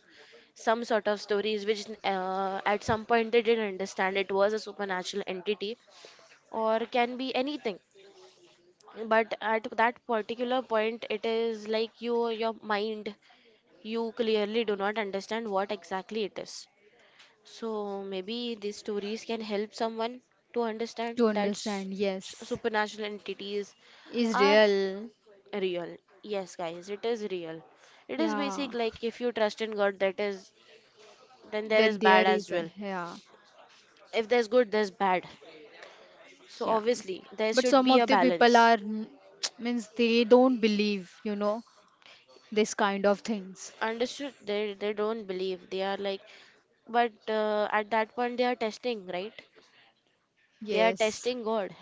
Speaker 1: some sort of stories which at some point they didn't understand it was a supernatural entity or can be anything. But at that particular point, it is like you, your mind, you clearly do not understand what exactly it is. So maybe these stories can help someone to understand
Speaker 2: to
Speaker 1: that
Speaker 2: understand, yes,
Speaker 1: supernatural entities
Speaker 2: is
Speaker 1: are
Speaker 2: real.
Speaker 1: real. Yes, guys, it is real. It is
Speaker 2: Yeah,
Speaker 1: basic, like if you trust in God, that is, then there
Speaker 2: then
Speaker 1: is
Speaker 2: there
Speaker 1: bad as
Speaker 2: is, a,
Speaker 1: well.
Speaker 2: yeah,
Speaker 1: If there's good, there's bad. So
Speaker 2: yeah.
Speaker 1: obviously, there
Speaker 2: But
Speaker 1: should
Speaker 2: some
Speaker 1: be
Speaker 2: of
Speaker 1: a
Speaker 2: the people
Speaker 1: balance.
Speaker 2: are, mm, means they don't believe, you know, this kind of things.
Speaker 1: Understood? They don't believe. They are like, but at that point, they are testing, right? They are
Speaker 2: Yes,
Speaker 1: testing God.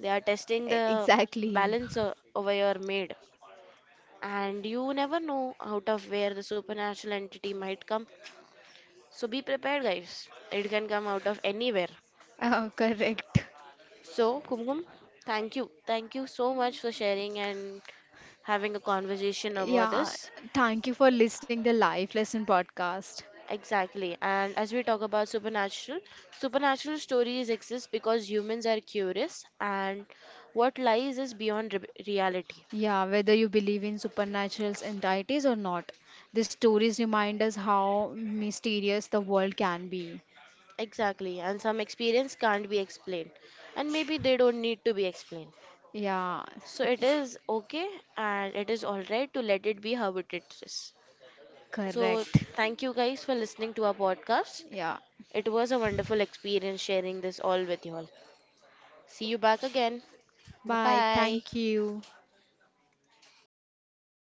Speaker 1: They are testing the
Speaker 2: exactly.
Speaker 1: balance over your made. And you never know out of where the supernatural entity might come. So be prepared, guys. It can come out of anywhere.
Speaker 2: Correct.
Speaker 1: So, Kumkum, thank you. Thank you so much for sharing and having a conversation about
Speaker 2: Yeah.
Speaker 1: this.
Speaker 2: Thank you for listening the Life Lesson podcast.
Speaker 1: Exactly. And as we talk about supernatural, supernatural stories exist because humans are curious and what lies is beyond re reality.
Speaker 2: Yeah, whether you believe in supernatural entities or not, the stories remind us how mysterious the world can be.
Speaker 1: Exactly. And some experience can't be explained. And maybe they don't need to be explained.
Speaker 2: Yeah,
Speaker 1: So it is okay and it is all right to let it be how it is. So
Speaker 2: correct.
Speaker 1: thank you guys for listening to our podcast.
Speaker 2: Yeah.
Speaker 1: It was a wonderful experience sharing this all with you all. See you back again. Bye
Speaker 2: Bye.
Speaker 1: bye.
Speaker 2: Thank you.